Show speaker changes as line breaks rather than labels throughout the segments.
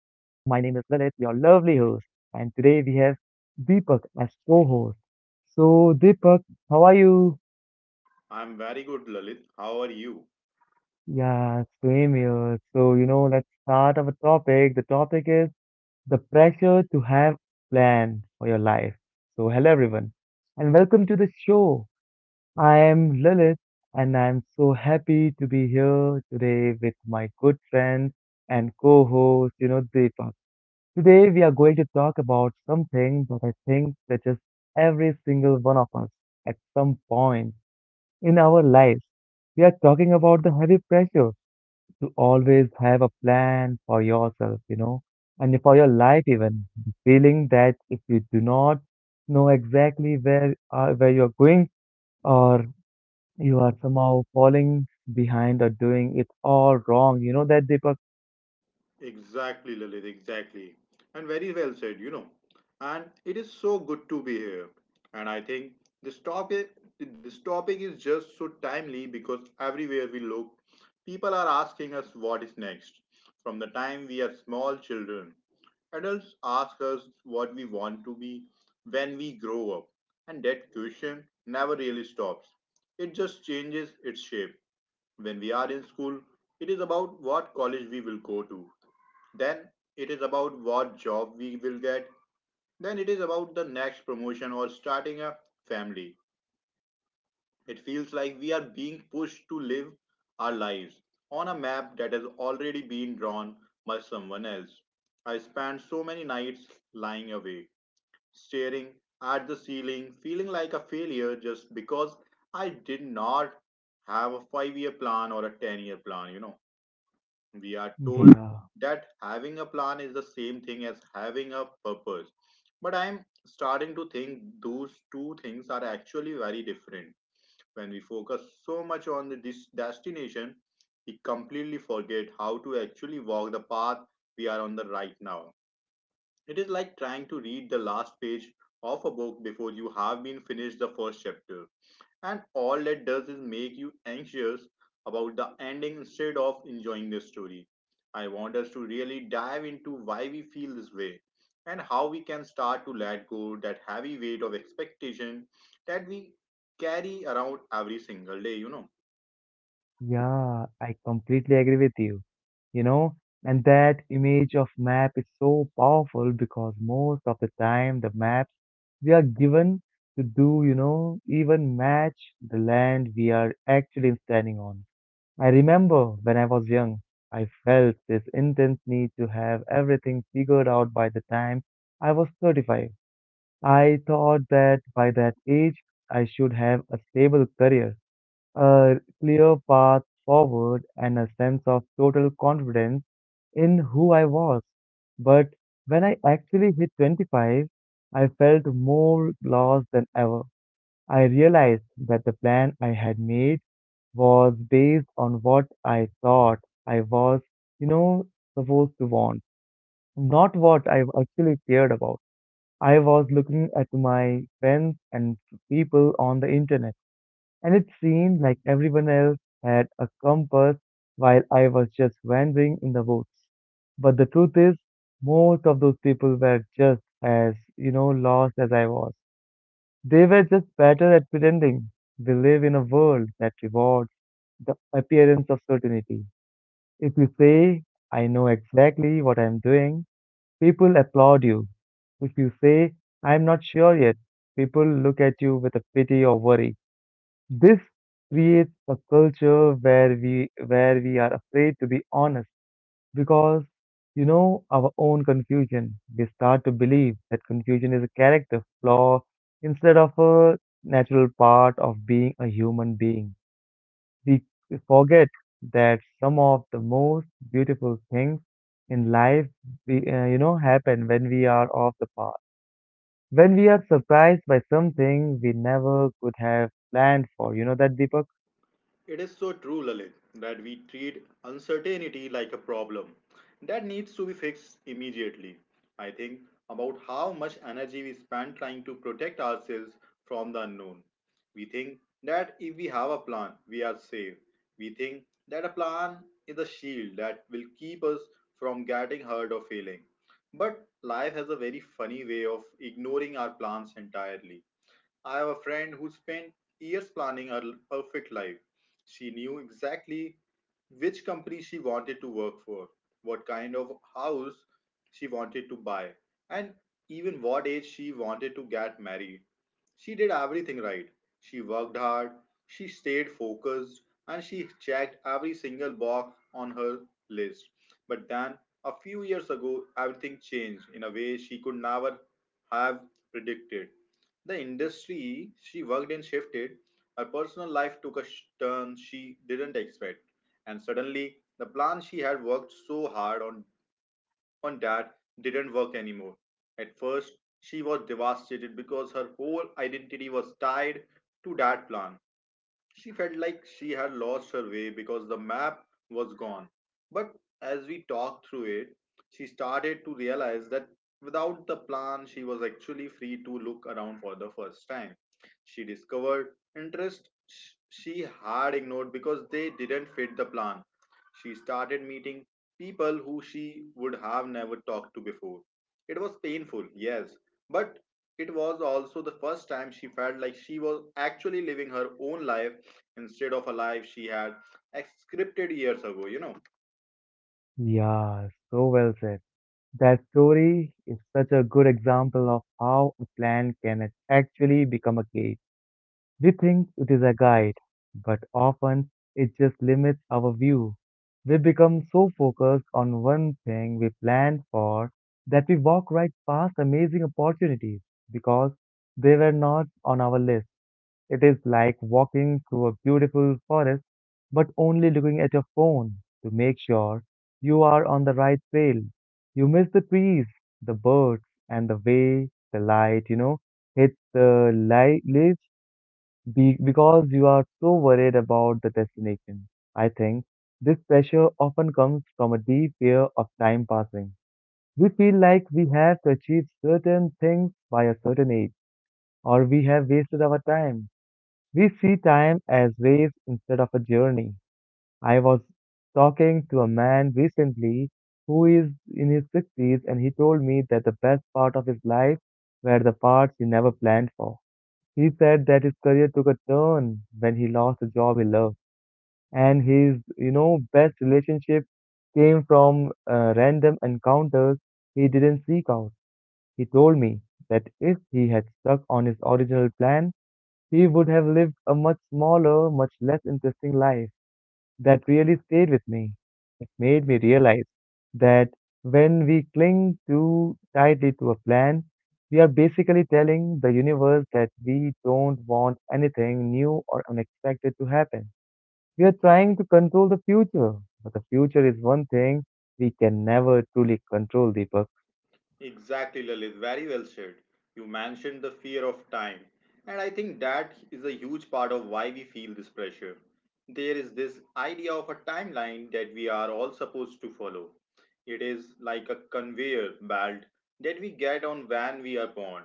is Lalit, your lovely host, and today we have Deepak as co-host. So, Deepak, how are you?
I'm very good, Lalit. How are you?
Yeah, same here. So, let's start our topic. The topic is the pressure to have plan for your life. So, hello everyone, and welcome to the show. I am Lilith, and I'm so happy to be here today with my good friend and co-host, Deepak. Today we are going to talk about something that I think touches every single one of us at some point in our lives. We are talking about the heavy pressure to always have a plan for yourself, and for your life even. The feeling that if you do not know exactly where you are going or you are somehow falling behind or doing it all wrong, you know that, Deepak?
Exactly, Lalit, exactly. And very well said, And it is so good to be here. And I think this topic this topic is just so timely because everywhere we look, people are asking us what is next. From the time we are small children, adults ask us what we want to be when we grow up. And that question never really stops. It just changes its shape. When we are in school, it is about what college we will go to. Then it is about what job we will get. Then it is about the next promotion or starting a family. It feels like we are being pushed to live our lives on a map that has already been drawn by someone else. I spent so many nights lying awake, staring at the ceiling, feeling like a failure just because I did not have a 5-year plan or a 10-year year plan. We are told
Yeah.
that having a plan is the same thing as having a purpose. But I'm starting to think those two things are actually very different. When we focus so much on the destination, we completely forget how to actually walk the path we are on the right now. It is like trying to read the last page of a book before you have been finished the first chapter, and all that does is make you anxious about the ending instead of enjoying the story. I want us to really dive into why we feel this way and how we can start to let go that heavy weight of expectation that we carry around every single day.
Yeah, I completely agree with you, you know and that image of map is so powerful because most of the time the maps we are given to do you know even match the land we are actually standing on. I remember when I was young, I felt this intense need to have everything figured out by the time I was 35. I thought that by that age I should have a stable career, a clear path forward and a sense of total confidence in who I was. But when I actually hit 25, I felt more lost than ever. I realized that the plan I had made was based on what I thought I was, you know, supposed to want, not what I actually cared about. I was looking at my friends and people on the internet and it seemed like everyone else had a compass while I was just wandering in the woods. But the truth is, most of those people were just as, you know, lost as I was. They were just better at pretending. We live in a world that rewards the appearance of certainty. If you say, I know exactly what I'm doing, people applaud you. If you say, I'm not sure yet, people look at you with a pity or worry. This creates a culture where we are afraid to be honest because you know our own confusion. We start to believe that confusion is a character flaw instead of a natural part of being a human being. We forget that some of the most beautiful things in life you know happen when we are off the path. When we are surprised by something we never could have planned for. You know that, Deepak?
It is so true, Lalit, that we treat uncertainty like a problem that needs to be fixed immediately. I think about how much energy we spend trying to protect ourselves from the unknown. We think that if we have a plan, we are safe. We think that a plan is a shield that will keep us from getting hurt or failing. But life has a very funny way of ignoring our plans entirely. I have a friend who spent years planning her perfect life. She knew exactly which company she wanted to work for, what kind of house she wanted to buy, and even what age she wanted to get married. She did everything right. She worked hard, she stayed focused, and she checked every single box on her list. But then, a few years ago, everything changed in a way she could never have predicted. The industry she worked in shifted. Her personal life took a turn she didn't expect. And suddenly, the plan she had worked so hard on, that didn't work anymore. At first, she was devastated because her whole identity was tied to that plan. She felt like she had lost her way because the map was gone. But as we talked through it, she started to realize that without the plan, she was actually free to look around for the first time. She discovered interests she had ignored because they didn't fit the plan. She started meeting people who she would have never talked to before. It was painful, yes, but it was also the first time she felt like she was actually living her own life instead of a life she had scripted years ago.
Yeah, so well said. That story is such a good example of how a plan can actually become a cage. We think it is a guide, but often it just limits our view. We become so focused on one thing we planned for that we walk right past amazing opportunities because they were not on our list. It is like walking through a beautiful forest but only looking at your phone to make sure you are on the right trail. You miss the trees, the birds, and the way the light, you know, hits the light leaves because you are so worried about the destination. I think this pressure often comes from a deep fear of time passing. We feel like we have to achieve certain things by a certain age, or we have wasted our time. We see time as waves instead of a journey. I was talking to a man recently who is in his 60s and he told me that the best part of his life were the parts he never planned for. He said that his career took a turn when he lost a job he loved and his, you know, best relationship came from random encounters he didn't seek out. He told me that if he had stuck on his original plan, he would have lived a much smaller, much less interesting life. That really stayed with me. It made me realize that when we cling too tightly to a plan, we are basically telling the universe that we don't want anything new or unexpected to happen. We are trying to control the future, but the future is one thing we can never truly control, Deepak.
Exactly, Lalit. Very well said. You mentioned the fear of time. And I think that is a huge part of why we feel this pressure. There is this idea of a timeline that we are all supposed to follow. It is like a conveyor belt that we get on when we are born.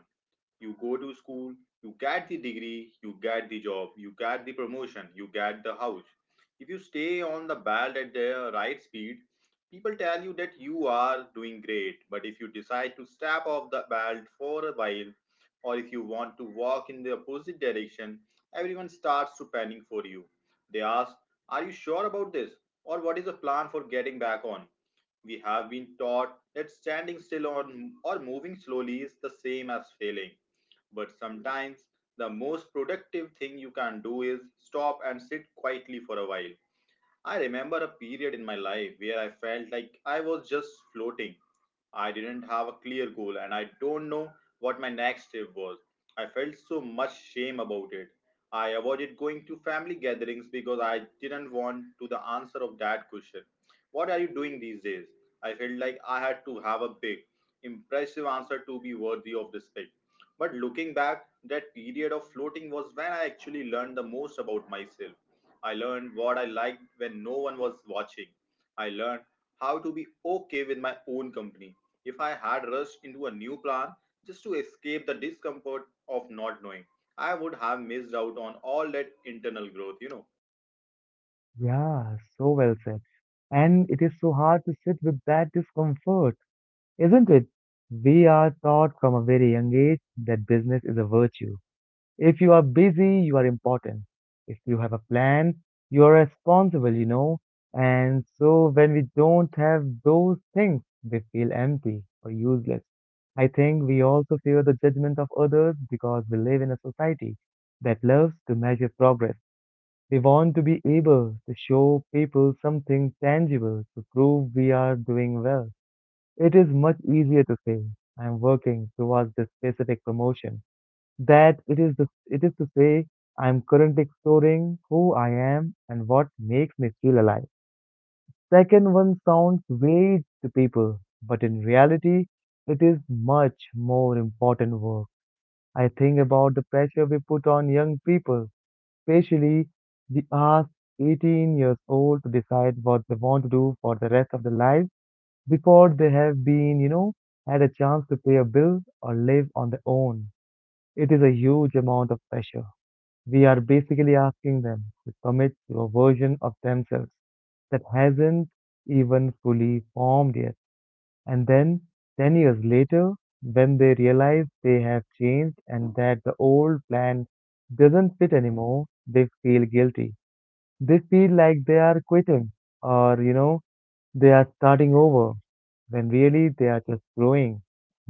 You go to school, you get the degree, you get the job, you get the promotion, you get the house. If you stay on the belt at the right speed, people tell you that you are doing great. But if you decide to step off the belt for a while, or if you want to walk in the opposite direction, everyone starts to panic for you. They ask, "Are you sure about this?" Or, "What is the plan for getting back on?" We have been taught that standing still on, or moving slowly is the same as failing. But sometimes the most productive thing you can do is stop and sit quietly for a while. I remember a period in my life where I felt like I was just floating. I didn't have a clear goal and I don't know what my next step was. I felt so much shame about it. I avoided going to family gatherings because I didn't want to the answer of that question. What are you doing these days? I felt like I had to have a big, impressive answer to be worthy of respect. But looking back, that period of floating was when I actually learned the most about myself. I learned what I liked when no one was watching. I learned how to be okay with my own company. If I had rushed into a new plan just to escape the discomfort of not knowing, I would have missed out on all that internal growth.
Yeah, so well said. And it is so hard to sit with that discomfort, isn't it? We are taught from a very young age that business is a virtue. If you are busy, you are important. If you have a plan, you are responsible, you know. And so when we don't have those things, we feel empty or useless. I think we also fear the judgment of others because we live in a society that loves to measure progress. We want to be able to show people something tangible to prove we are doing well. It is much easier to say, I'm working towards this specific promotion, that it is, it is to say, I'm currently exploring who I am and what makes me feel alive. Second one sounds vague to people, but in reality, it is much more important work. I think about the pressure we put on young people, especially the ask 18 years old to decide what they want to do for the rest of their life before they have been, you know, had a chance to pay a bill or live on their own. It is a huge amount of pressure. We are basically asking them to commit to a version of themselves that hasn't even fully formed yet. And then, 10 years later, when they realize they have changed and that the old plan doesn't fit anymore, they feel guilty. They feel like they are quitting or, you know, they are starting over when really they are just growing.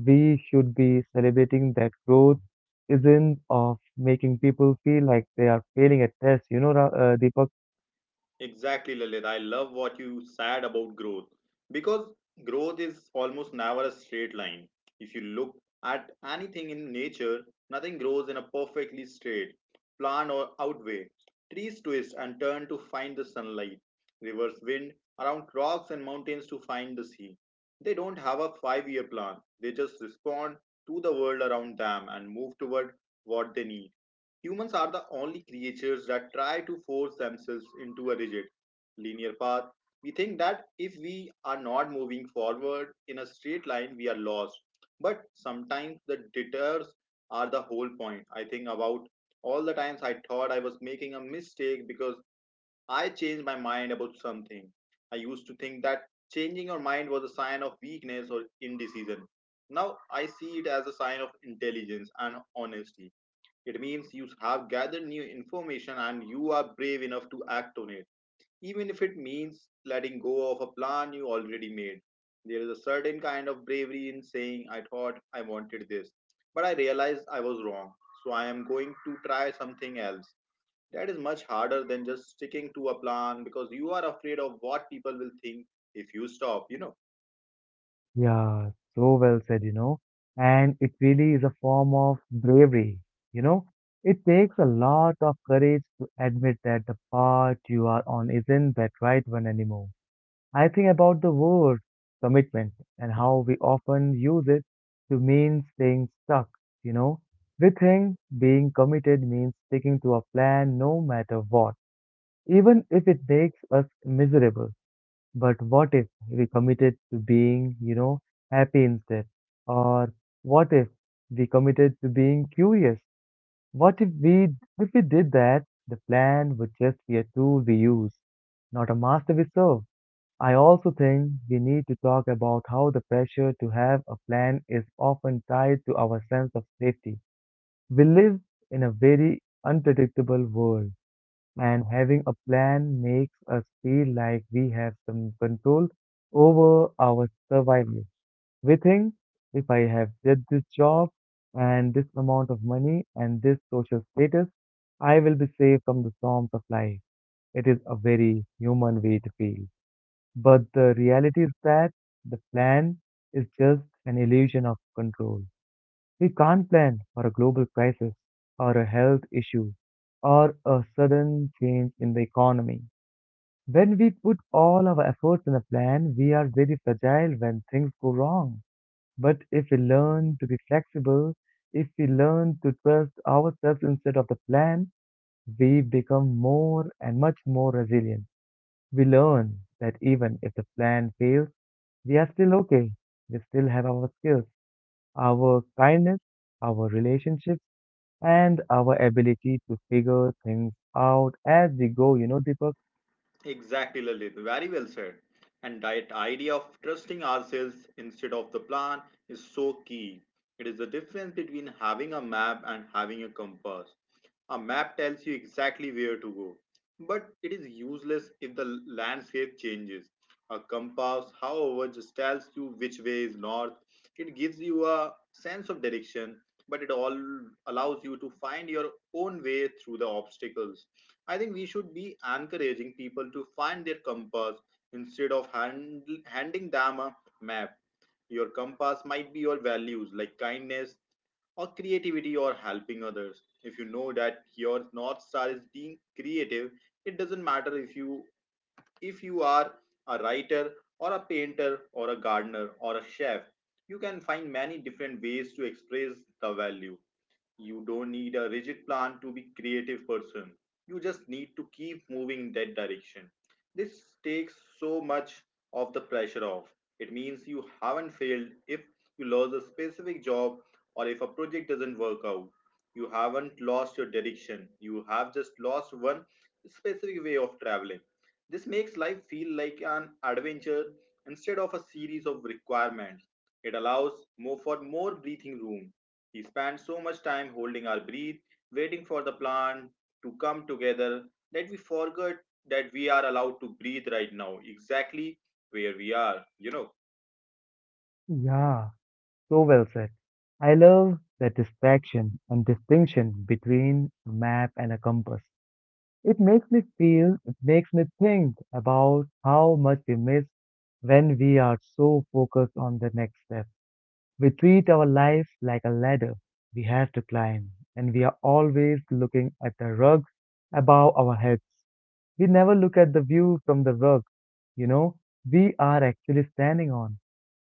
We should be celebrating that growth isn't of making people feel like they are failing at tests, you know, Deepak?
Exactly, Lalit. I love what you said about growth because growth is almost never a straight line. If you look at anything in nature, nothing grows in a perfectly straight, plan or outway. Trees twist and turn to find the sunlight. Rivers wind around rocks and mountains to find the sea. They don't have a 5-year plan, they just respond to the world around them and move toward what they need. Humans are the only creatures that try to force themselves into a rigid, linear path. We think that if we are not moving forward in a straight line, we are lost. But sometimes the detours are the whole point. I think about all the times I thought I was making a mistake because I changed my mind about something. I used to think that changing your mind was a sign of weakness or indecision. Now I see it as a sign of intelligence and honesty. It means you have gathered new information and you are brave enough to act on it, even if it means letting go of a plan you already made. There is a certain kind of bravery in saying, "I thought I wanted this, but I realized I was wrong, so I am going to try something else." That is much harder than just sticking to a plan because you are afraid of what people will think if you stop.
Yeah, so well said, you know. And it really is a form of bravery, you know. It takes a lot of courage to admit that the path you are on isn't that right one anymore. I think about the word commitment and how we often use it to mean staying stuck, you know. We think being committed means sticking to a plan no matter what, even if it makes us miserable. But what if we committed to being, you know, happy instead? Or what if we committed to being curious? What if we did that, the plan would just be a tool we use, not a master we serve. I also think we need to talk about how the pressure to have a plan is often tied to our sense of safety. We live in a very unpredictable world, and having a plan makes us feel like we have some control over our survival. We think if I have did this job and this amount of money and this social status, I will be safe from the storms of life. It is a very human way to feel. But the reality is that the plan is just an illusion of control. We can't plan for a global crisis or a health issue or a sudden change in the economy. When we put all our efforts in a plan, we are very fragile when things go wrong. But if we learn to be flexible, if we learn to trust ourselves instead of the plan, we become more and much more resilient. We learn that even if the plan fails, we are still okay. We still have our skills, our kindness, our relationships, and our ability to figure things out as we go, you know, Deepak?
Exactly, Lalit. Very well said. And that idea of trusting ourselves instead of the plan is so key. It is the difference between having a map and having a compass. A map tells you exactly where to go, but it is useless if the landscape changes. A compass, however, just tells you which way is north. It gives you a sense of direction, but it all allows you to find your own way through the obstacles. I think we should be encouraging people to find their compass instead of handing them a map. Your compass might be your values like kindness or creativity or helping others. If you know that your north star is being creative, it doesn't matter if you are a writer or a painter or a gardener or a chef. You can find many different ways to express the value. You don't need a rigid plan to be creative person. You just need to keep moving in that direction. This takes so much of the pressure off. It means you haven't failed if you lose a specific job or if a project doesn't work out. You haven't lost your direction, you have just lost one specific way of traveling. This makes life feel like an adventure instead of a series of requirements. It allows more for more breathing room. We spend so much time holding our breath, waiting for the plan to come together, that we forget that we are allowed to breathe right now, exactly where we are.
Yeah, so well said. I love the distraction and distinction between a map and a compass. It makes me think about how much we miss when we are so focused on the next step. We treat our life like a ladder we have to climb, and we are always looking at the rugs above our heads. We never look at the view from the rug, you know, we are actually standing on.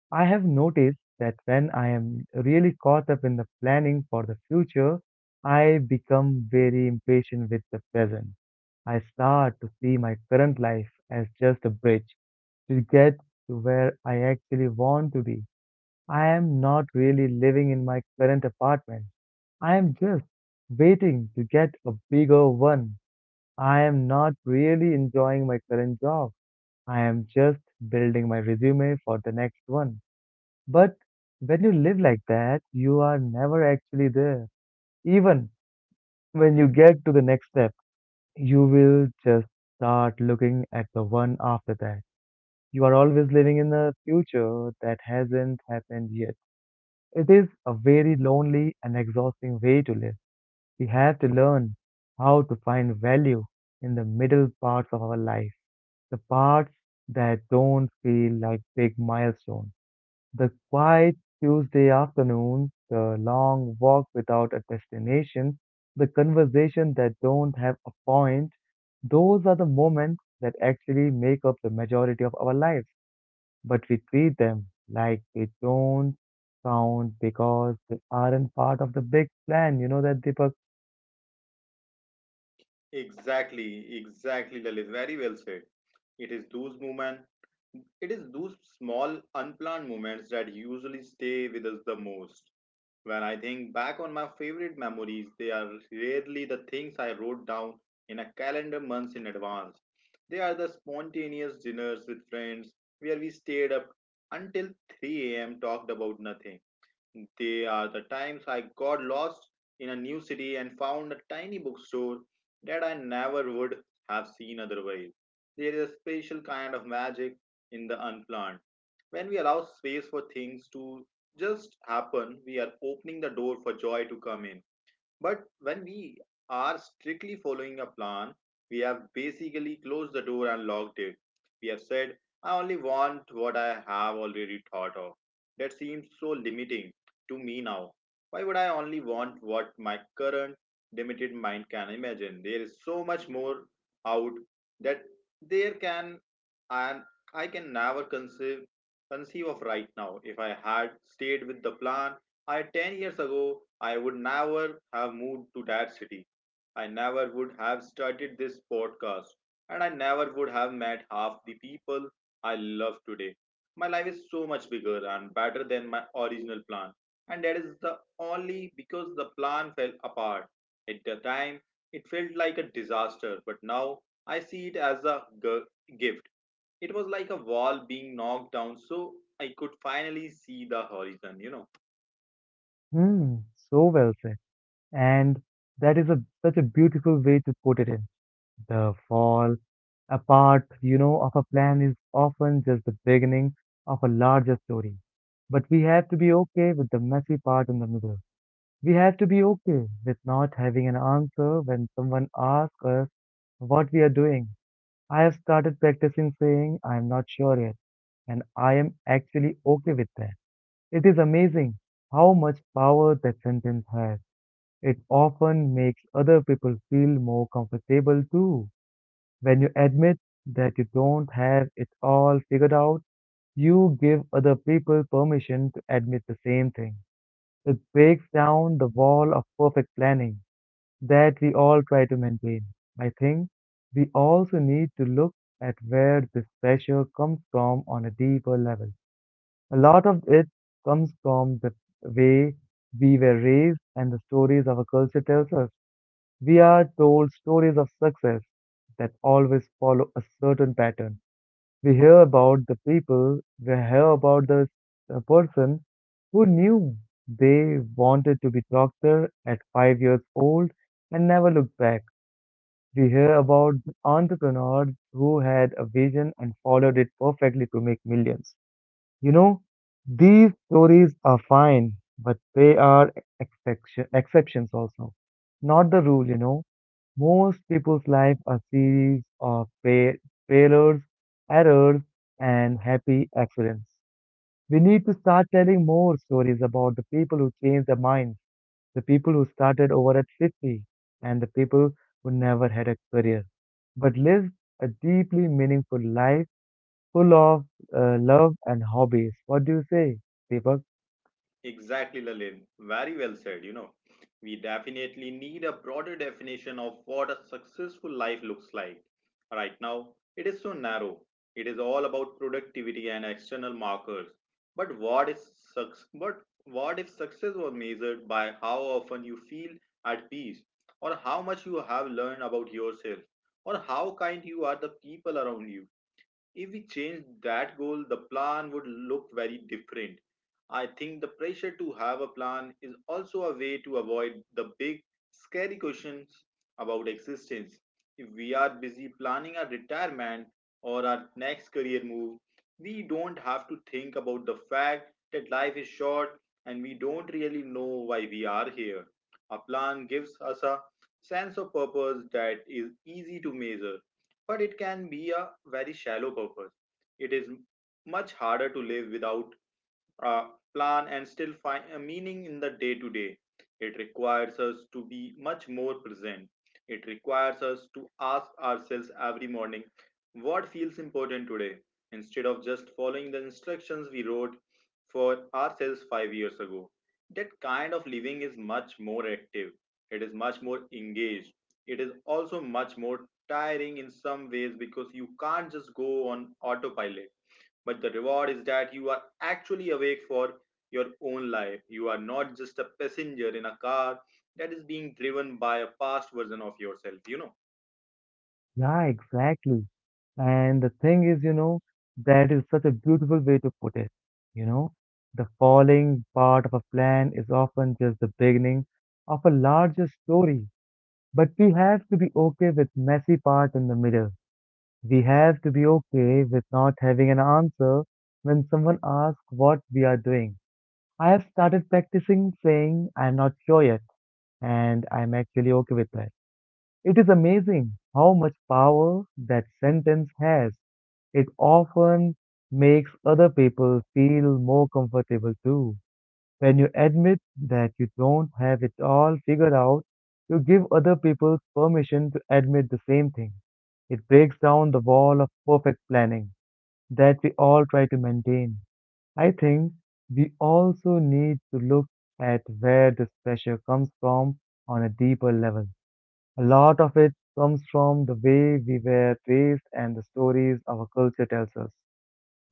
I have noticed that when I am really caught up in the planning for the future, I become very impatient with the present. I start to see my current life as just a bridge to get to where I actually want to be. I am not really living in my current apartment. I am just waiting to get a bigger one. I am not really enjoying my current job. I am just building my resume for the next one. But when you live like that, you are never actually there. Even when you get to the next step, you will just start looking at the one after that. You are always living in a future that hasn't happened yet. It is a very lonely and exhausting way to live. We have to learn how to find value in the middle parts of our life, the parts that don't feel like big milestones, the quiet Tuesday afternoons, the long walk without a destination, the conversation that don't have a point. Those are the moments that actually make up the majority of our lives but we treat them like they don't count because they aren't part of the big plan. You know that, Deepak?
Exactly, Lalit. Very well said. It is those moments, it is those small, unplanned moments that usually stay with us the most. When I think back on my favorite memories, they are rarely the things I wrote down in a calendar months in advance. They are the spontaneous dinners with friends where we stayed up until 3 a.m., talked about nothing. They are the times I got lost in a new city and found a tiny bookstore that I never would have seen otherwise. There is a special kind of magic in the unplanned. When we allow space for things to just happen, we are opening the door for joy to come in. But when we are strictly following a plan, we have basically closed the door and locked it. We have said, I only want what I have already thought of. That seems so limiting to me now. Why would I only want what my current limited mind can imagine? There is so much more out that there can and I can never conceive of right now. If I had stayed with the plan, I 10 years ago, I would never have moved to that city. I never would have started this podcast, and I never would have met half the people I love today. My life is so much bigger and better than my original plan, and that is the only because the plan fell apart. At the time, it felt like a disaster, but now I see it as a gift. It was like a wall being knocked down so I could finally see the horizon, you know.
Hmm, so well said. And that is a such a beautiful way to put it in. The fall apart, you know, of a plan is often just the beginning of a larger story. But we have to be okay with the messy part in the middle. We have to be okay with not having an answer when someone asks us what we are doing. I have started practicing saying I am not sure yet, and I am actually okay with that. It is amazing how much power that sentence has. It often makes other people feel more comfortable too. When you admit that you don't have it all figured out, you give other people permission to admit the same thing. It breaks down the wall of perfect planning that we all try to maintain. I think we also need to look at where this pressure comes from on a deeper level. A lot of it comes from the way we were raised and the stories our culture tells us. We are told stories of success that always follow a certain pattern. We hear about the people, we hear about the person who knew they wanted to be doctor at 5 years old and never looked back. We hear about the entrepreneurs who had a vision and followed it perfectly to make millions. You know, these stories are fine, but they are exceptions also, not the rule, you know. Most people's life are series of failures, errors, and happy accidents. We need to start telling more stories about the people who change their minds, the people who started over at 50, and the people who never had a career but lived a deeply meaningful life full of love and hobbies. What do you say, Deepak?
Exactly, Lalin. Very well said. You know, we definitely need a broader definition of what a successful life looks like. Right now, it is so narrow. It is all about productivity and external markers. But what is success? But what if success was measured by how often you feel at peace, or how much you have learned about yourself, or how kind you are the people around you? If we change that goal, the plan would look very different. I think the pressure to have a plan is also a way to avoid the big, scary questions about existence. If we are busy planning our retirement or our next career move, we don't have to think about the fact that life is short and we don't really know why we are here. A plan gives us a sense of purpose that is easy to measure but it can be a very shallow purpose. It is much harder to live without uh, plan and still find a meaning in the day to day. It requires us to be much more present. It requires us to ask ourselves every morning what feels important today instead of just following the instructions we wrote for ourselves 5 years ago. That kind of living is much more active, it is much more engaged, it is also much more tiring in some ways because you can't just go on autopilot but the reward is that you are actually awake for your own life. You are not just a passenger in a car that is being driven by a past version of yourself, you know.
Yeah, exactly. And the thing is, you know, that is such a beautiful way to put it. You know, the falling part of a plan is often just the beginning of a larger story, but we have to be okay with messy part in the middle. We have to be okay with not having an answer when someone asks what we are doing. I have started practicing saying I'm not sure yet, and I'm actually okay with that. It is amazing how much power that sentence has. It often makes other people feel more comfortable too. When you admit that you don't have it all figured out, you give other people permission to admit the same thing. It breaks down the wall of perfect planning that we all try to maintain. I think we also need to look at where this pressure comes from on a deeper level. A lot of it comes from the way we were raised and the stories our culture tells us.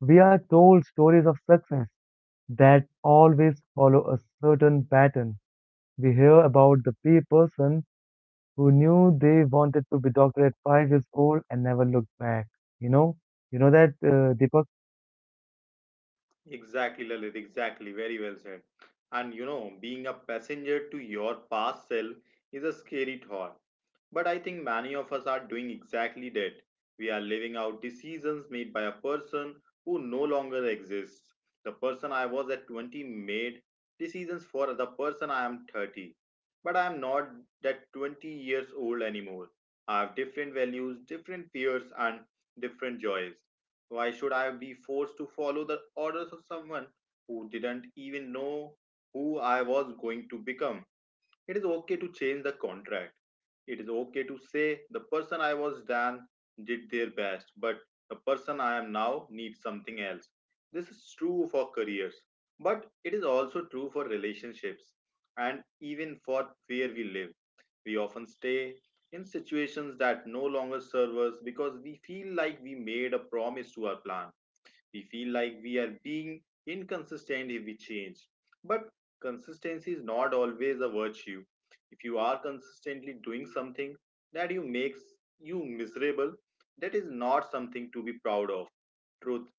We are told stories of success that always follow a certain pattern. We hear about the person who knew they wanted to be doctor at 5 years old and never looked back. You know, that, Deepak.
Exactly, Lalit. Exactly. Very well said. And you know, being a passenger to your past self is a scary thought. But I think many of us are doing exactly that. We are living out decisions made by a person who no longer exists. The person I was at 20 made decisions for the person I am 30. But I am not that 20 years old anymore. I have different values, different fears, and different joys. Why should I be forced to follow the orders of someone who didn't even know who I was going to become? It is okay to change the contract. It is okay to say the person I was then did their best, but the person I am now needs something else. This is true for careers, but it is also true for relationships and even for where we live. We often stay in situations that no longer serve us because we feel like we made a promise to our plan we feel like we are being inconsistent if we change. But consistency is not always a virtue. If you are consistently doing something that you makes you miserable, that is not something to be proud of. Truth,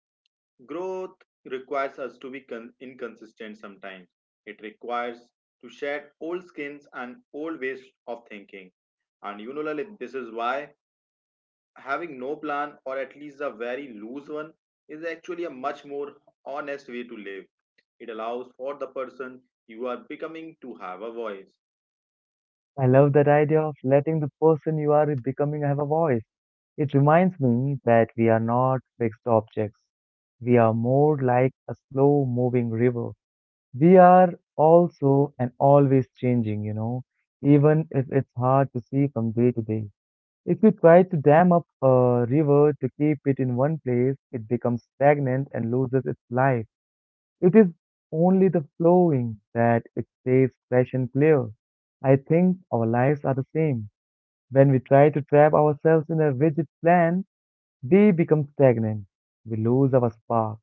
growth requires us to be inconsistent sometimes. It requires to shed old skins and old ways of thinking. And you know, Lalit, this is why having no plan or at least a very loose one is actually a much more honest way to live. It allows for the person you are becoming to have a voice.
I love that idea of letting the person you are becoming have a voice. It reminds me that we are not fixed objects. We are more like a slow moving river. We are also and always changing, you know, even if it's hard to see from day to day. If you try to dam up a river to keep it in one place, it becomes stagnant and loses its life. It is only the flowing that it stays fresh and clear. I think our lives are the same. When we try to trap ourselves in a rigid plan, we become stagnant. We lose our spark.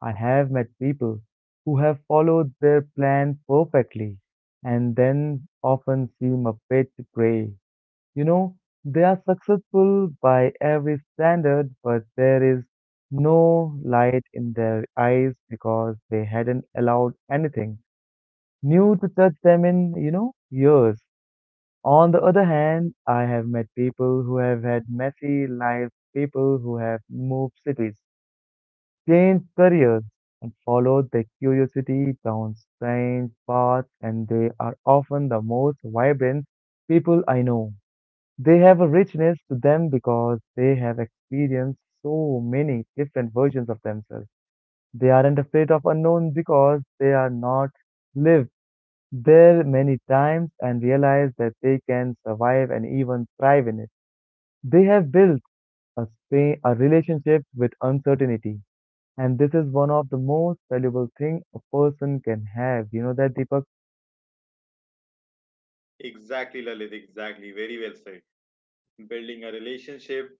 I have met people who have followed their plan perfectly and then often seem a bit gray. You know, they are successful by every standard, but there is no light in their eyes because they hadn't allowed anything new to touch them in, you know, years. On the other hand, I have met people who have had messy lives, people who have moved cities, change careers, and follow their curiosity down strange paths, and they are often the most vibrant people I know. They have a richness to them because they have experienced so many different versions of themselves. They aren't afraid of unknown because they are not lived there many times and realize that they can survive and even thrive in it. They have built a relationship with uncertainty and this is one of the most valuable thing a person can have. You know that, Deepak?
Exactly, Lalit, exactly. Very well said. Building a relationship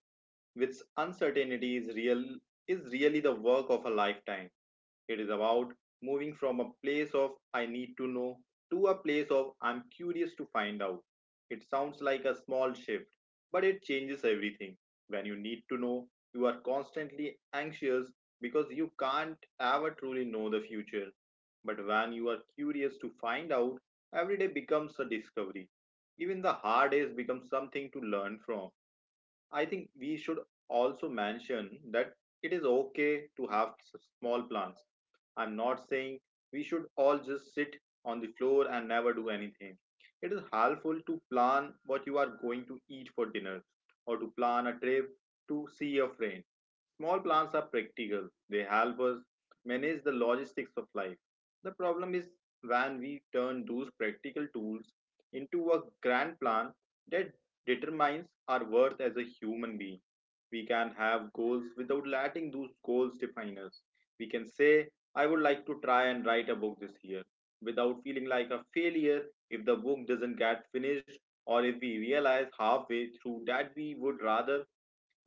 with uncertainty is really the work of a lifetime. It is about moving from a place of I need to know to a place of I'm curious to find out. It sounds like a small shift, but it changes everything. When you need to know, you are constantly anxious because you can't ever truly know the future. But when you are curious to find out, every day becomes a discovery. Even the hard days become something to learn from. I think we should also mention that it is okay to have small plans. I'm not saying we should all just sit on the floor and never do anything. It is helpful to plan what you are going to eat for dinner or to plan a trip to see a friend. Small plans are practical. They help us manage the logistics of life. The problem is when we turn those practical tools into a grand plan that determines our worth as a human being. We can have goals without letting those goals define us. We can say, I would like to try and write a book this year without feeling like a failure if the book doesn't get finished or if we realize halfway through that we would rather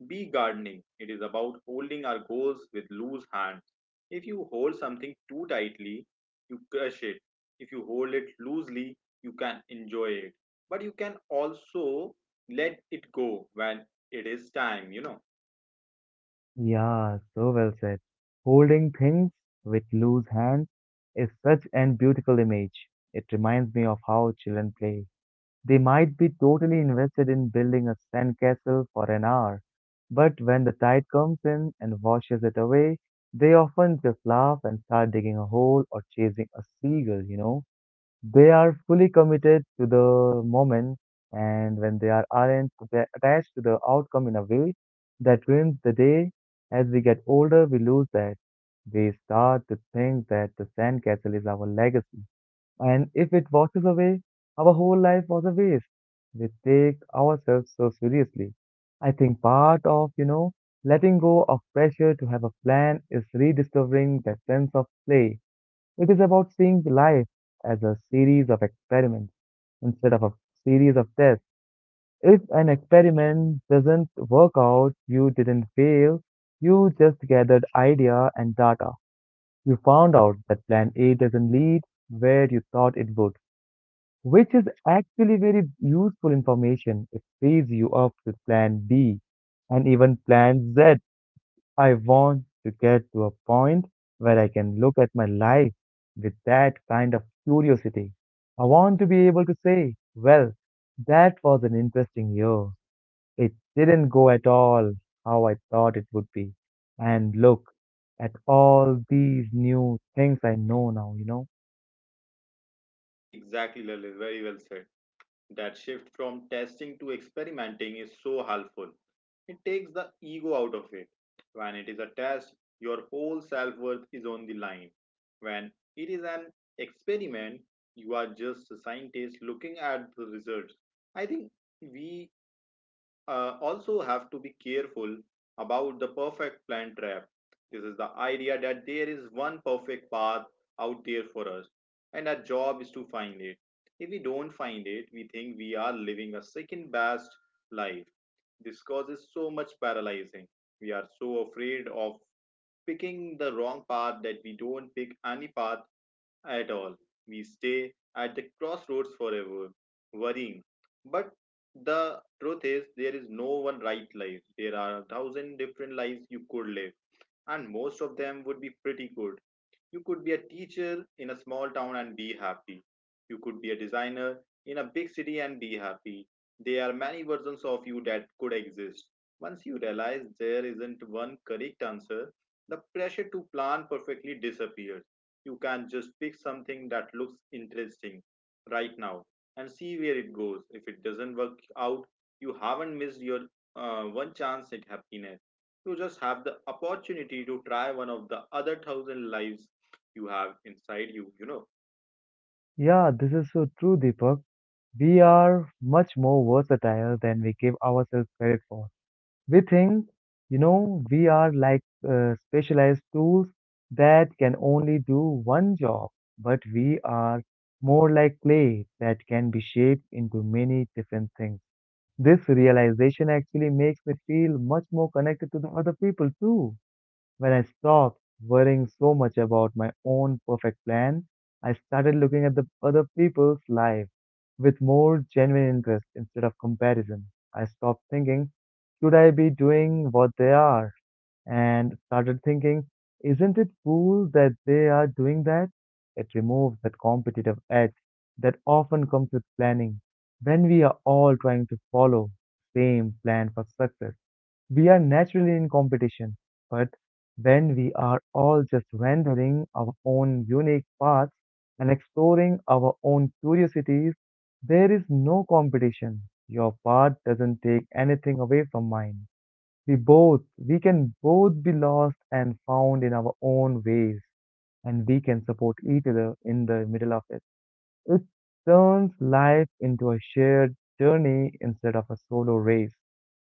Bee gardening. It is about holding our goals with loose hands. If you hold something too tightly, you crush it. If you hold it loosely, you can enjoy it. But you can also let it go when it is time, you know.
Yeah, so well said. Holding things with loose hands is such an beautiful image. It reminds me of how children play. They might be totally invested in building a sandcastle for an hour, but when the tide comes in and washes it away, they often just laugh and start digging a hole or chasing a seagull, you know? They are fully committed to the moment, and when they are aren't, they attached to the outcome in a way that ruins the day. As we get older, we lose that. We start to think that the sandcastle is our legacy, and if it washes away, our whole life was a waste. We take ourselves so seriously. I think part of, you know, letting go of pressure to have a plan is rediscovering that sense of play. It is about seeing life as a series of experiments instead of a series of tests. If an experiment doesn't work out, you didn't fail, you just gathered idea and data. You found out that plan A doesn't lead where you thought it would, which is actually very useful information. It frees you up to plan B and even plan Z. I want to get to a point where I can look at my life with that kind of curiosity. I want to be able to say, well, that was an interesting year. It didn't go at all how I thought it would be. And look at all these new things I know now, you know?
Exactly, Lalit. Very well said. That shift from testing to experimenting is so helpful. It takes the ego out of it. When it is a test, your whole self worth is on the line. When it is an experiment, you are just a scientist looking at the results. I think we also have to be careful about the perfect plan trap. This is the idea that there is one perfect path out there for us, and our job is to find it. If we don't find it, we think we are living a second best life. This causes so much paralyzing. We are so afraid of picking the wrong path that we don't pick any path at all. We stay at the crossroads forever, worrying. But the truth is, there is no one right life. There are a thousand different lives you could live, and most of them would be pretty good. You could be a teacher in a small town and be happy. You could be a designer in a big city and be happy. There are many versions of you that could exist. Once you realize there isn't one correct answer, the pressure to plan perfectly disappears. You can just pick something that looks interesting right now and see where it goes. If it doesn't work out, you haven't missed your one chance at happiness. You just have the opportunity to try one of the other thousand lives you have inside you, you know.
Yeah, this is so true, Deepak. We are much more versatile than we give ourselves credit for. We think, you know, we are like specialized tools that can only do one job, but we are more like clay that can be shaped into many different things. This realization actually makes me feel much more connected to the other people too. When I stopped worrying so much about my own perfect plan, I started looking at the other people's lives with more genuine interest instead of comparison. I stopped thinking, should I be doing what they are? And started thinking, isn't it cool that they are doing that? It removes that competitive edge that often comes with planning when we are all trying to follow the same plan for success. We are naturally in competition, but when we are all just wandering our own unique paths and exploring our own curiosities, there is no competition. Your path doesn't take anything away from mine. We can both be lost and found in our own ways, and we can support each other in the middle of it. It turns life into a shared journey instead of a solo race.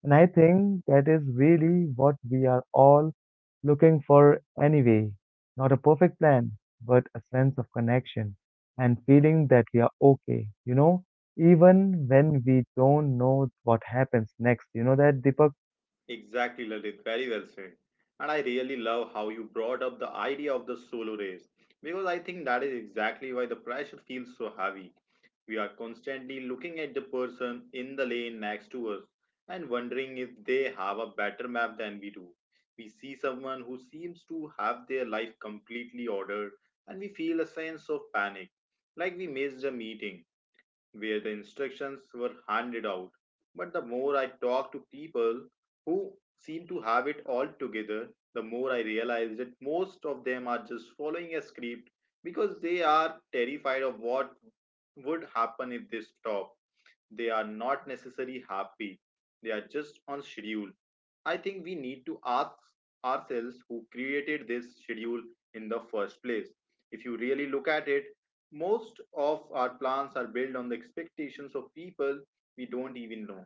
And I think that is really what we are all looking for anyway. Not a perfect plan, but a sense of connection and feeling that we are okay, you know, even when we don't know what happens next. You know that, Deepak?
Exactly, Lalit, very well said. And I really love how you brought up the idea of the solo race because I think that is exactly why the pressure feels so heavy. We are constantly looking at the person in the lane next to us and wondering if they have a better map than we do. We see someone who seems to have their life completely ordered and we feel a sense of panic, like we missed a meeting where the instructions were handed out. But the more I talked to people who seem to have it all together, the more I realized that most of them are just following a script because they are terrified of what would happen if they stop. They are not necessarily happy, they are just on schedule. I think we need to ask ourselves who created this schedule in the first place. If you really look at it, most of our plans are built on the expectations of people we don't even know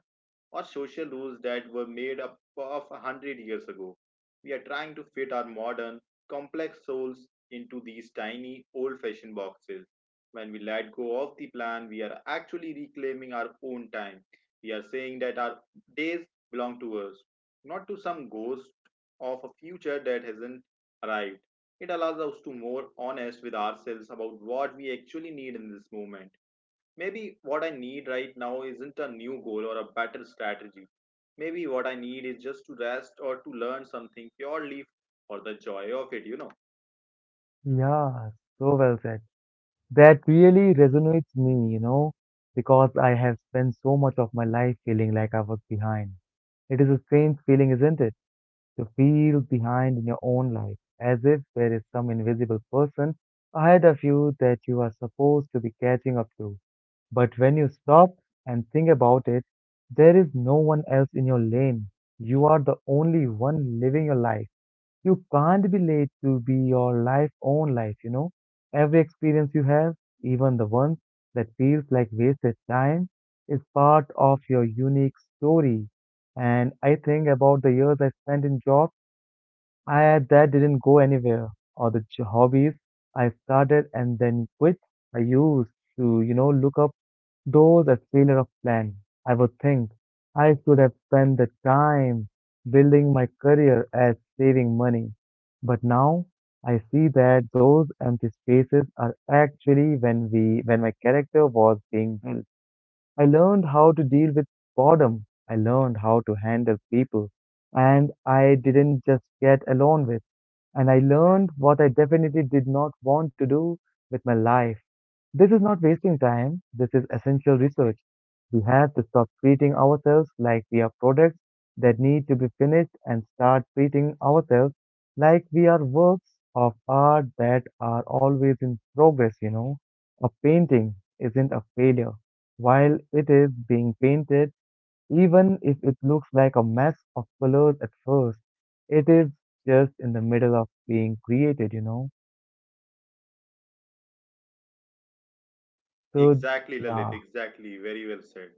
or social rules that were made up of 100 years ago. We are trying to fit our modern, complex souls into these tiny, old fashioned boxes. When we let go of the plan, we are actually reclaiming our own time. We are saying that our days belong to us, not to some ghost of a future that hasn't arrived. It allows us to be more honest with ourselves about what we actually need in this moment. Maybe what I need right now isn't a new goal or a better strategy. Maybe what I need is just to rest or to learn something purely for the joy of it, you know.
Yeah, so well said. That really resonates me, you know, because I have spent so much of my life feeling like I was behind. It is a strange feeling, isn't it? You feel behind in your own life, as if there is some invisible person ahead of you that you are supposed to be catching up to. But when you stop and think about it, there is no one else in your lane. You are the only one living your life. You can't be late to be your life own life, you know. Every experience you have, even the ones that feels like wasted time, is part of your unique story. And I think about the years I spent in jobs I that didn't go anywhere, or the hobbies I started and then quit. I used to, you know, look up those as failure of plan. I would think I should have spent the time building my career as saving money. But now I see that those empty spaces are actually when we when my character was being built. I learned how to deal with boredom. I learned how to handle people, and I didn't just get alone with, and I learned what I definitely did not want to do with my life. This is not wasting time, this is essential research. We have to stop treating ourselves like we are products that need to be finished, and start treating ourselves like we are works of art that are always in progress. A painting isn't a failure while it is being painted. Even if it looks like a mess of colors at first, it is just in the middle of being created? So,
Exactly, Lalit.
yeah,
Exactly. Very well said.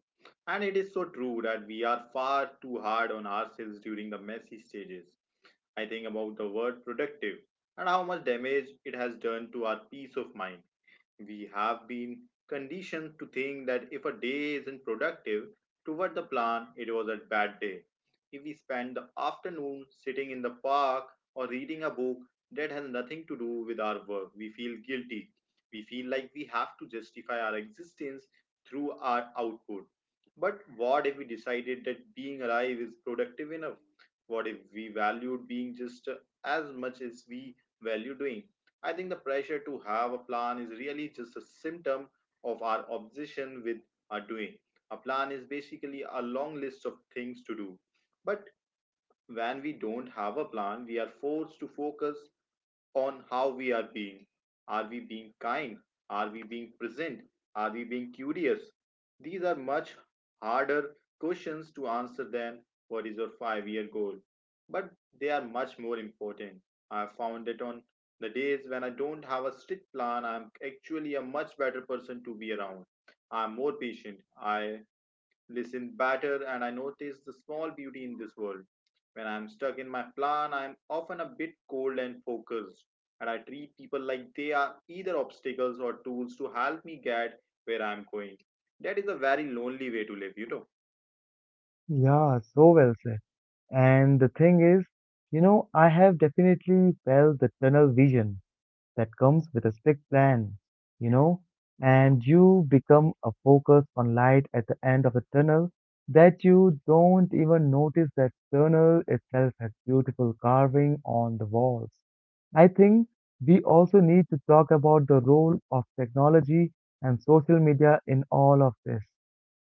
And it is so true that we are far too hard on ourselves during the messy stages. I think about the word productive and how much damage it has done to our peace of mind. We have been conditioned to think that if a day isn't productive toward the plan, it was a bad day. If we spend the afternoon sitting in the park or reading a book that has nothing to do with our work, we feel guilty. We feel like we have to justify our existence through our output. But what if we decided that being alive is productive enough? What if we valued being just as much as we value doing? I think the pressure to have a plan is really just a symptom of our obsession with our doing. A plan is basically a long list of things to do. But when we don't have a plan, we are forced to focus on how we are being. Are we being kind? Are we being present? Are we being curious? These are much harder questions to answer than what is your 5-year goal, but they are much more important. I found that on the days when I don't have a strict plan, I'm actually a much better person to be around. I'm more patient. I listen better, and I notice the small beauty in this world. When I'm stuck in my plan, I'm often a bit cold and focused, and I treat people like they are either obstacles or tools to help me get where I'm going. That is a very lonely way to live.
yeah, so well said. And the thing is, I have definitely felt the tunnel vision that comes with a strict plan, you know, and you become a focus on light at the end of the tunnel that you don't even notice that tunnel itself has beautiful carving on the walls. I think we also need to talk about the role of technology and social media in all of this.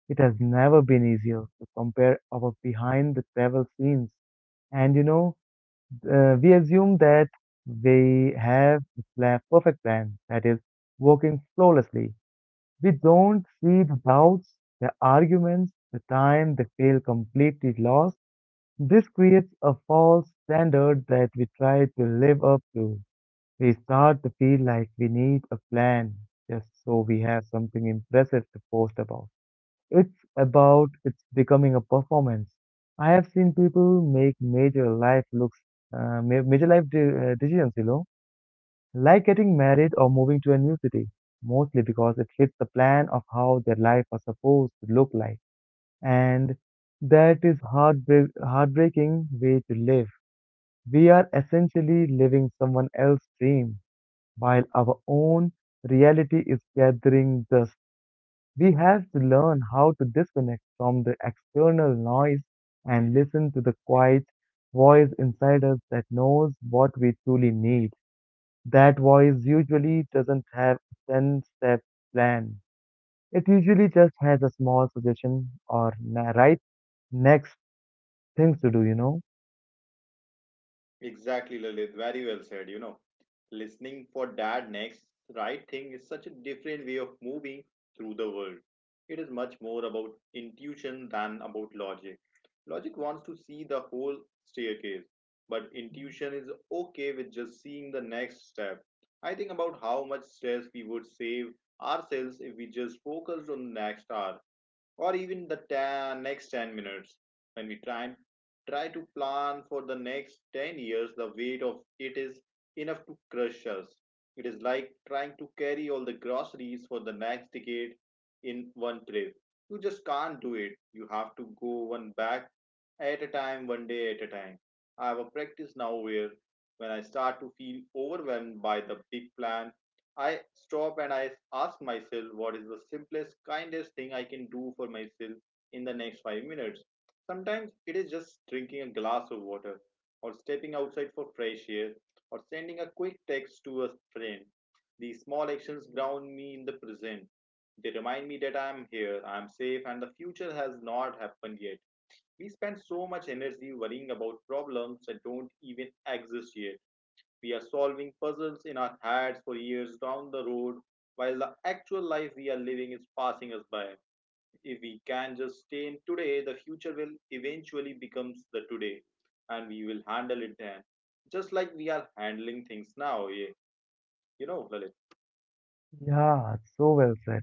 It has never been easier to compare our behind the travel scenes. And you know, we assume that we have a perfect plan that is working flawlessly. We don't see the doubts, the arguments, the time they feel completely lost. This creates a false standard that we try to live up to. We start to feel like we need a plan just so we have something impressive to post about. It's becoming a performance. I have seen people make major life major life decisions, like getting married or moving to a new city, mostly because it fits the plan of how their life was supposed to look like. And that is heartbreaking way to live. We are essentially living someone else's dream, while our own reality is gathering dust. We have to learn how to disconnect from the external noise and listen to the quiet voice inside us that knows what we truly need. That voice usually doesn't have a 10 step plan. It usually just has a small suggestion or right next things to do.
Exactly, Lalit. Very well said. You know, listening for dad next right thing is such a different way of moving through the world. It is much more about intuition than about logic. Logic wants to see the whole staircase, but intuition is okay with just seeing the next step. I think about how much stress we would save ourselves if we just focused on the next hour or even the next 10 minutes. When we try to plan for the next 10 years, the weight of it is enough to crush us. It is like trying to carry all the groceries for the next decade in one trip. You just can't do it. You have to go one bag at a time, one day at a time. I have a practice now where when I start to feel overwhelmed by the big plan, I stop and I ask myself what is the simplest, kindest thing I can do for myself in the next 5 minutes. Sometimes it is just drinking a glass of water, or stepping outside for fresh air, or sending a quick text to a friend. These small actions ground me in the present. They remind me that I am here, I am safe, and the future has not happened yet. We spend so much energy worrying about problems that don't even exist yet. We are solving puzzles in our heads for years down the road, while the actual life we are living is passing us by. If we can just stay in today, the future will eventually becomes the today, and we will handle it then, just like we are handling things now. Yeah, Lalit.
Yeah, so well said.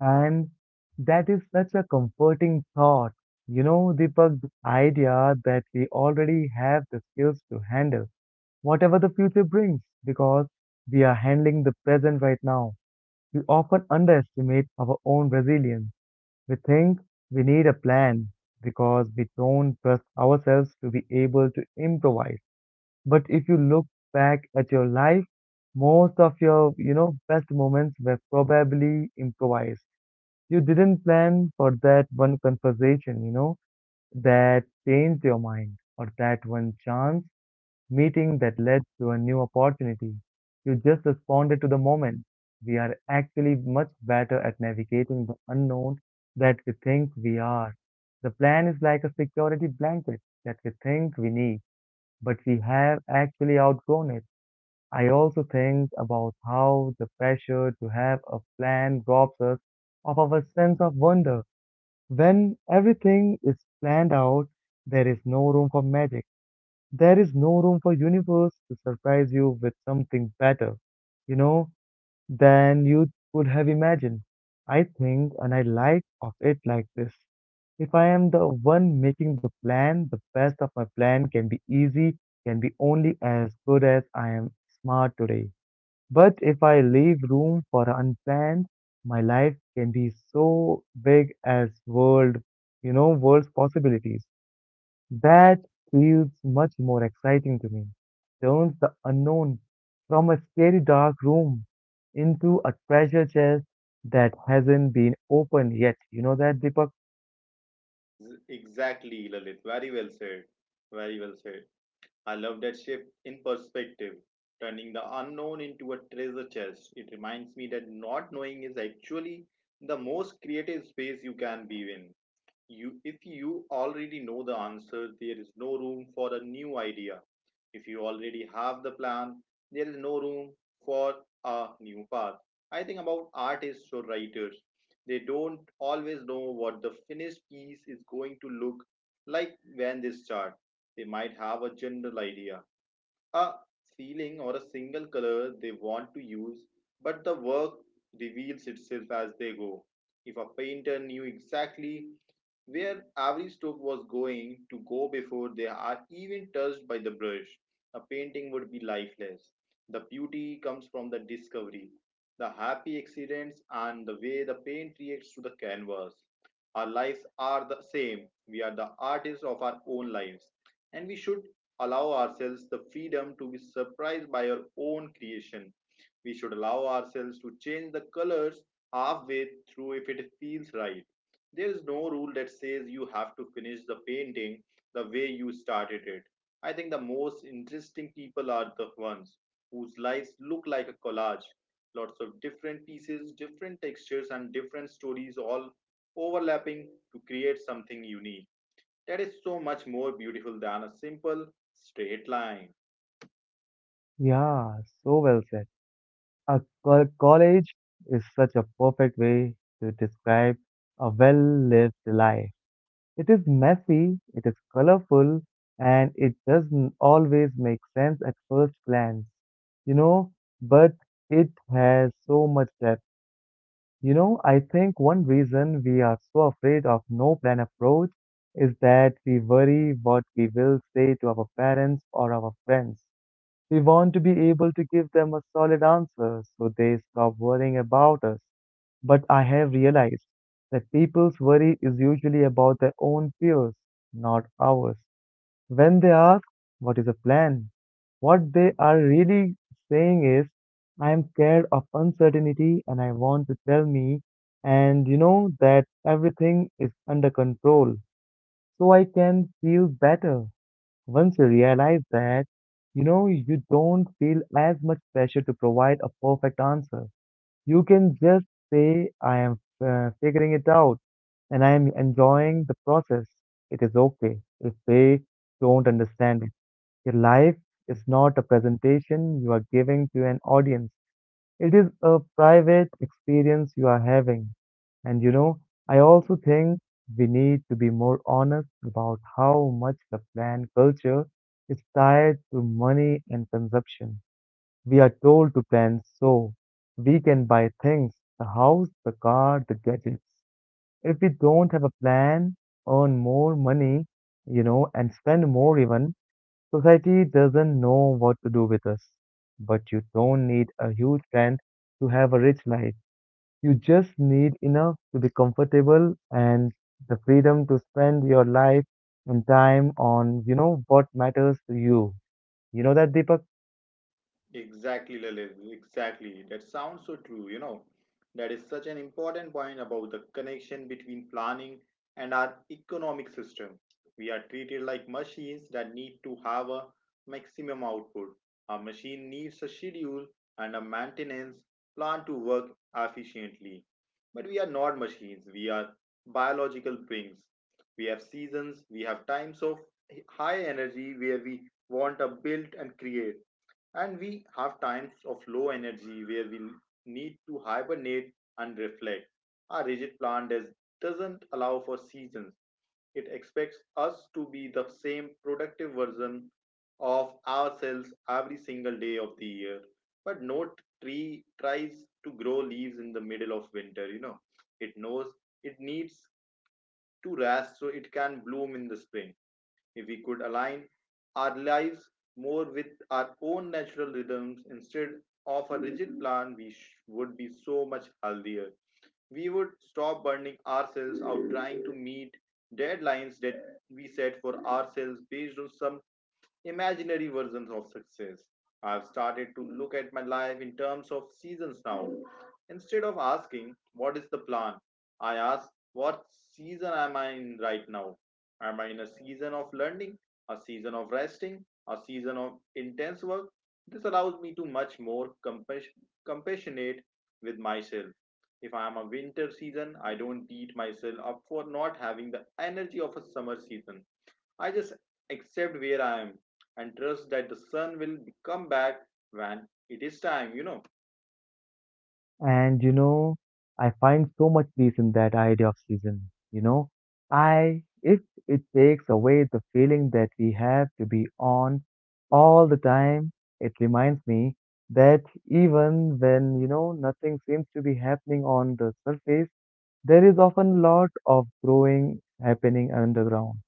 And that is such a comforting thought. You know, Deepak, the idea that we already have the skills to handle whatever the future brings, because we are handling the present right now. We often underestimate our own resilience. We think we need a plan because we don't trust ourselves to be able to improvise. But if you look back at your life, most of your best moments were probably improvised. You didn't plan for that one conversation, that changed your mind, or that one chance meeting that led to a new opportunity. You just responded to the moment. We are actually much better at navigating the unknown that we think we are. The plan is like a security blanket that we think we need, but we have actually outgrown it. I also think about how the pressure to have a plan robs us of our sense of wonder. When everything is planned out, there is no room for magic, there is no room for universe to surprise you with something better, you know, than you could have imagined. I think, and I like of it like this. If I am the one making the plan, the best of my plan can be easy, can be only as good as I am smart today. But if I leave room for unplanned, my life can be so big as world, world's possibilities. That feels much more exciting to me. Turns the unknown from a scary dark room into a treasure chest that hasn't been opened yet. You know that, Deepak?
Exactly, Lalit. Very well said. Very well said. I love that shift in perspective, turning the unknown into a treasure chest. It reminds me that not knowing is actually the most creative space you can be in. You If you already know the answer, there is no room for a new idea. If you already have the plan, there is no room for a new path. I think about artists or writers. They don't always know what the finished piece is going to look like when they start. They might have a general idea, a ceiling or a single color they want to use, but the work reveals itself as they go. If a painter knew exactly where every stroke was going to go before they are even touched by the brush, a painting would be lifeless. The beauty comes from the discovery, the happy accidents, and the way the paint reacts to the canvas. Our lives are the same. We are the artists of our own lives, and we should allow ourselves the freedom to be surprised by our own creation. We should allow ourselves to change the colors halfway through if it feels right. There is no rule that says you have to finish the painting the way you started it. I think the most interesting people are the ones whose lives look like a collage. Lots of different pieces, different textures, and different stories all overlapping to create something unique that is so much more beautiful than a simple straight line.
Yeah, so well said. A college is such a perfect way to describe a well lived life. It is messy, it is colorful, and it doesn't always make sense at first glance, you know, but it has so much depth. I think one reason we are so afraid of no plan approach is that we worry what we will say to our parents or our friends. We want to be able to give them a solid answer so they stop worrying about us. But I have realized that people's worry is usually about their own fears, not ours. When they ask, "What is the plan?" What they are really saying is, "I am scared of uncertainty and I want to tell me, and you know that everything is under control so I can feel better." Once you realize that, you don't feel as much pressure to provide a perfect answer. You can just say, "I am figuring it out and I am enjoying the process." It is okay if they don't understand it. Your life is not a presentation you are giving to an audience. It is a private experience you are having. And you know, I also think we need to be more honest about how much the plan culture is tied to money and consumption. We are told to plan so we can buy things, the house, the car, the gadgets. If we don't have a plan, earn more money, and spend more even, society doesn't know what to do with us. But you don't need a huge brand to have a rich life. You just need enough to be comfortable and the freedom to spend your life and time on, what matters to you. You know that, Deepak?
Exactly, Lalit. Exactly. That sounds so true. That is such an important point about the connection between planning and our economic system. We are treated like machines that need to have a maximum output. A machine needs a schedule and a maintenance plan to work efficiently. But we are not machines, we are biological beings. We have seasons, we have times of high energy where we want to build and create, and we have times of low energy where we need to hibernate and reflect. Our rigid plan doesn't allow for seasons. It expects us to be the same productive version of ourselves every single day of the year. But no tree tries to grow leaves in the middle of winter. It knows it needs to rest so it can bloom in the spring. If we could align our lives more with our own natural rhythms instead of a rigid plan, we would be so much healthier. We would stop burning ourselves out trying to meet deadlines that we set for ourselves based on some imaginary versions of success. I've started to look at my life in terms of seasons now. Instead of asking, what is the plan? I ask, what season am I in right now? Am I in a season of learning, a season of resting, a season of intense work? This allows me to much more compassionate with myself. If I am a winter season, I don't beat myself up for not having the energy of a summer season. I just accept where I am and trust that the sun will come back when it is time.
And you know, I find so much peace in that idea of season. You know, I if it takes away the feeling that we have to be on all the time, it reminds me that even when, nothing seems to be happening on the surface, there is often a lot of growing happening underground.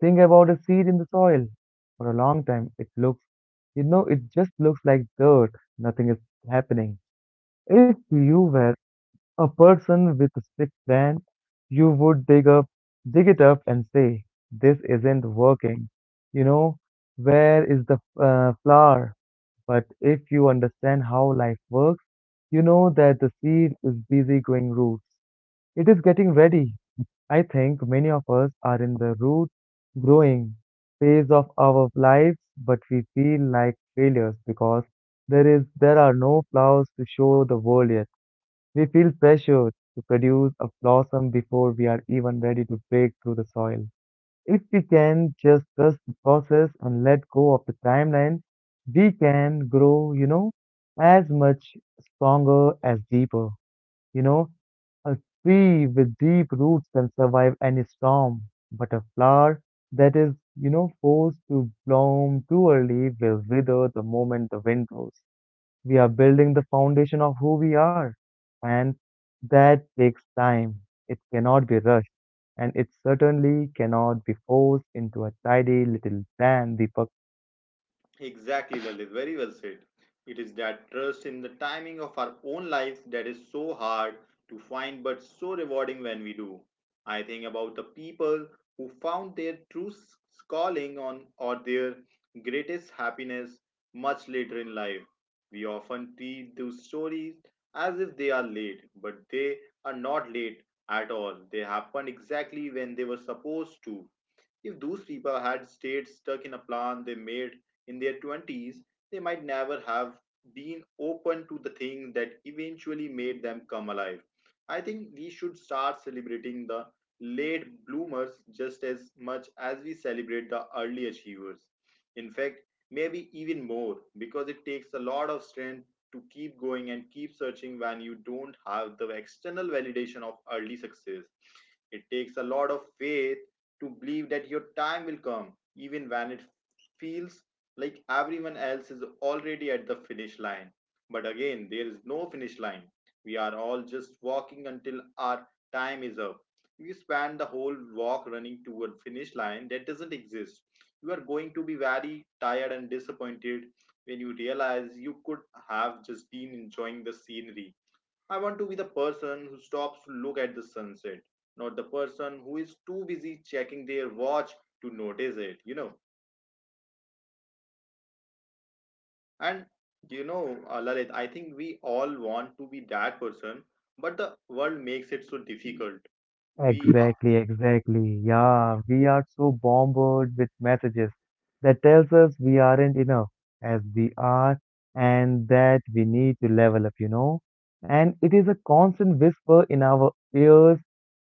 Think about a seed in the soil. For a long time, it looks, it just looks like dirt. Nothing is happening. If you were a person with a stick, then you would dig it up and say, "This isn't working. You know, where is the flower?" But if you understand how life works, you know that the seed is busy growing roots. It is getting ready. I think many of us are in the root growing phase of our lives, but we feel like failures because there are no flowers to show the world yet. We feel pressure to produce a blossom before we are even ready to break through the soil. If we can just trust the process and let go of the timeline, we can grow, as much stronger as deeper. You know, a tree with deep roots can survive any storm, but a flower that is, forced to bloom too early will wither the moment the wind blows. We are building the foundation of who we are, and that takes time. It cannot be rushed, and it certainly cannot be forced into a tidy little plan, Deepak.
Exactly, Lalit. Very well said. It is that trust in the timing of our own lives that is so hard to find but so rewarding when we do. I think about the people who found their true calling on or their greatest happiness much later in life. We often treat those stories as if they are late, but they are not late at all. They happened exactly when they were supposed to. If those people had stayed stuck in a plan they made in their 20s, they might never have been open to the thing that eventually made them come alive. I think we should start celebrating the late bloomers just as much as we celebrate the early achievers. In fact, maybe even more, because it takes a lot of strength to keep going and keep searching when you don't have the external validation of early success. It takes a lot of faith to believe that your time will come, even when it feels like everyone else is already at the finish line. But again, there is no finish line. We are all just walking until our time is up. You spend the whole walk running toward finish line that doesn't exist. You are going to be very tired and disappointed when you realize you could have just been enjoying the scenery. I want to be the person who stops to look at the sunset, not the person who is too busy checking their watch to notice it. And Lalit, I think we all want to be that person, but the world makes it so difficult. We are
Exactly, exactly. Yeah, we are so bombarded with messages that tells us we aren't enough as we are, and that we need to level up, you know. And it is a constant whisper in our ears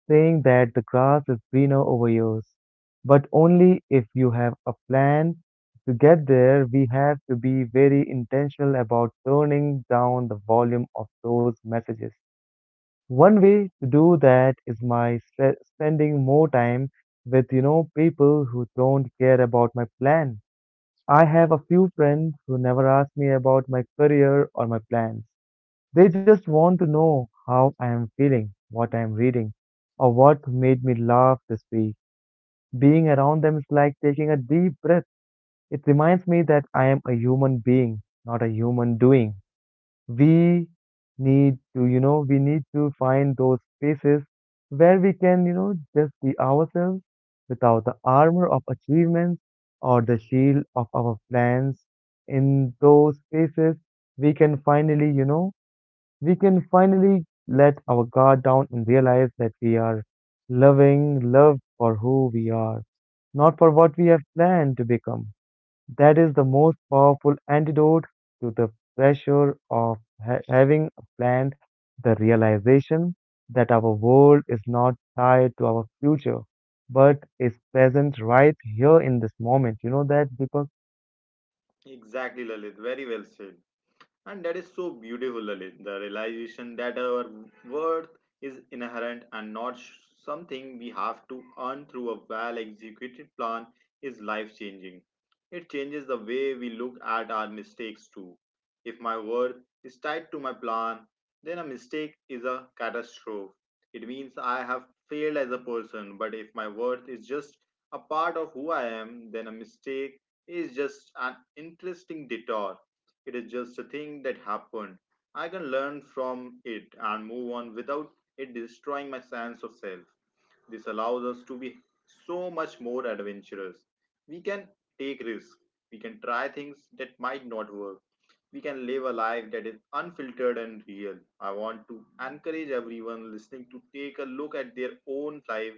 saying that the grass is greener over yours, but only if you have a plan. To get there, we have to be very intentional about turning down the volume of those messages. One way to do that is by spending more time with, people who don't care about my plan. I have a few friends who never ask me about my career or my plans. They just want to know how I am feeling, what I am reading, or what made me laugh this week. Being around them is like taking a deep breath. It reminds me that I am a human being, not a human doing. We we need to find those spaces where we can, just be ourselves without the armor of achievements or the shield of our plans. In those spaces, we can finally, you know, we can finally let our guard down and realize that we are loved for who we are, not for what we have planned to become. That is the most powerful antidote to the pressure of having a plan, the realization that our world is not tied to our future, but is present right here in this moment. You know that, Deepak?
exactly, Lalit, very well said. And that is so beautiful, Lalit. The realization that our worth is inherent and not something we have to earn through a well executed plan is life changing. It changes the way we look at our mistakes too. If my worth is tied to my plan, then a mistake is a catastrophe. It means I have failed as a person, but if my worth is just a part of who I am, then a mistake is just an interesting detour. It is just a thing that happened. I can learn from it and move on without it destroying my sense of self. This allows us to be so much more adventurous. We can take risks. We can try things that might not work. We can live a life that is unfiltered and real. I want to encourage everyone listening to take a look at their own life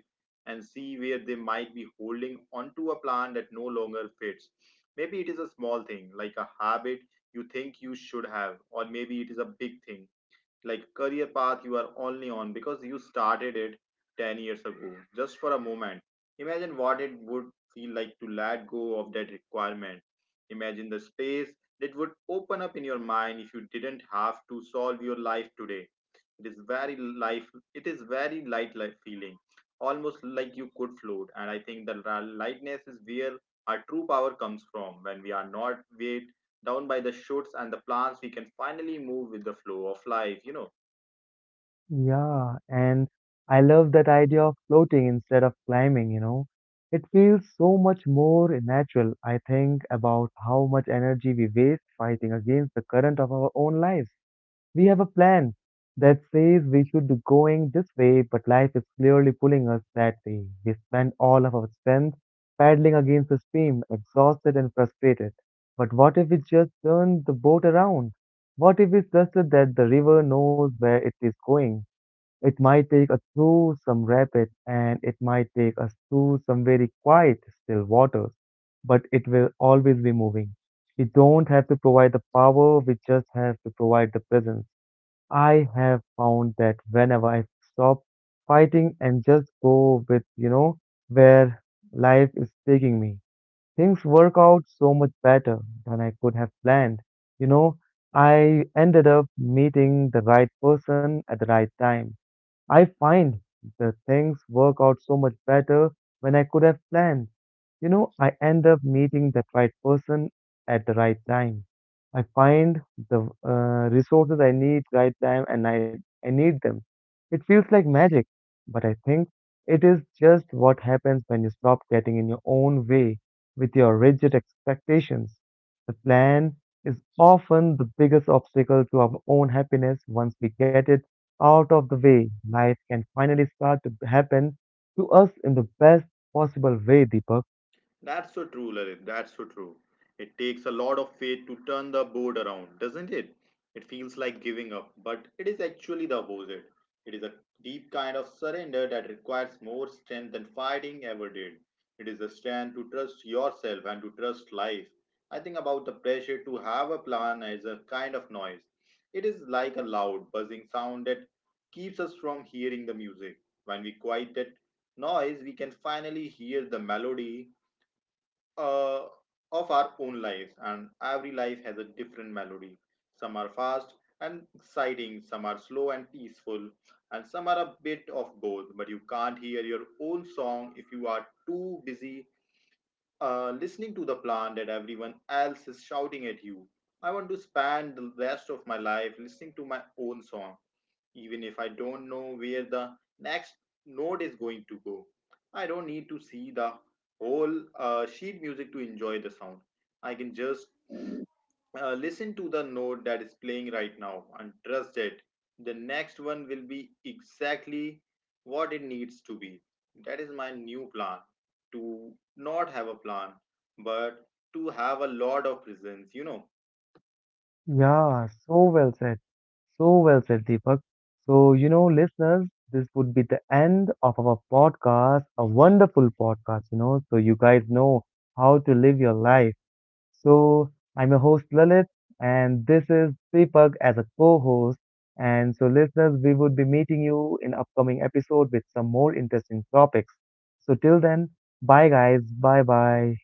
and see where they might be holding onto a plan that no longer fits. Maybe it is a small thing like a habit you think you should have, or maybe it is a big thing like career path you are only on because you started it 10 years ago. Just for a moment, imagine what it would feel like to let go of that requirement. Imagine the space that would open up in your mind if you didn't have to solve your life today. It is very life, it is very light life feeling, almost like you could float. And I think the lightness is where our true power comes from. When we are not weighed down by the shoots and the plants, we can finally move with the flow of life.
Yeah, and I love that idea of floating instead of climbing, you know. It feels so much more natural. I think about how much energy we waste fighting against the current of our own lives. We have a plan that says we should be going this way, but life is clearly pulling us that way. We spend all of our strength paddling against the stream, exhausted and frustrated. But what if we just turn the boat around? What if we trusted that the river knows where it is going? It might take us through some rapid, and it might take us through some very quiet, still waters, but it will always be moving. We don't have to provide the power, we just have to provide the presence. I have found that whenever I stop fighting and just go with, where life is taking me, things work out so much better than I could have planned. You know, I ended up meeting the right person at the right time. I find the things work out so much better when I could have planned. I end up meeting that right person at the right time. I find the resources I need right time I need them. It feels like magic, but I think it is just what happens when you stop getting in your own way with your rigid expectations. The plan is often the biggest obstacle to our own happiness. Once we get it out of the way, life can finally start to happen to us in the best possible way, Deepak.
That's so true, Lalit. That's so true. It takes a lot of faith to turn the board around, doesn't it? It feels like giving up, but it is actually the opposite. It is a deep kind of surrender that requires more strength than fighting ever did. It is a strength to trust yourself and to trust life. I think about the pressure to have a plan as a kind of noise. It is like a loud, buzzing sound that keeps us from hearing the music. When we quiet that noise, we can finally hear the melody uh, of our own lives, and every life has a different melody. Some are fast and exciting, some are slow and peaceful, and some are a bit of both. But you can't hear your own song if you are too busy listening to the plan that everyone else is shouting at you. I want to spend the rest of my life listening to my own song, even if I don't know where the next node is going to go. I don't need to see the whole sheet music to enjoy the sound. I can just listen to the note that is playing right now and trust that the next one will be exactly what it needs to be. That is my new plan, to not have a plan, but to have a lot of presence.
Yeah, so well said. So well said, Deepak. So, listeners, this would be the end of our podcast, a wonderful podcast, so you guys know how to live your life. So, I'm your host Lalit, and this is Deepak as a co host. And so, listeners, we would be meeting you in upcoming episode with some more interesting topics. So, till then, bye guys, bye bye.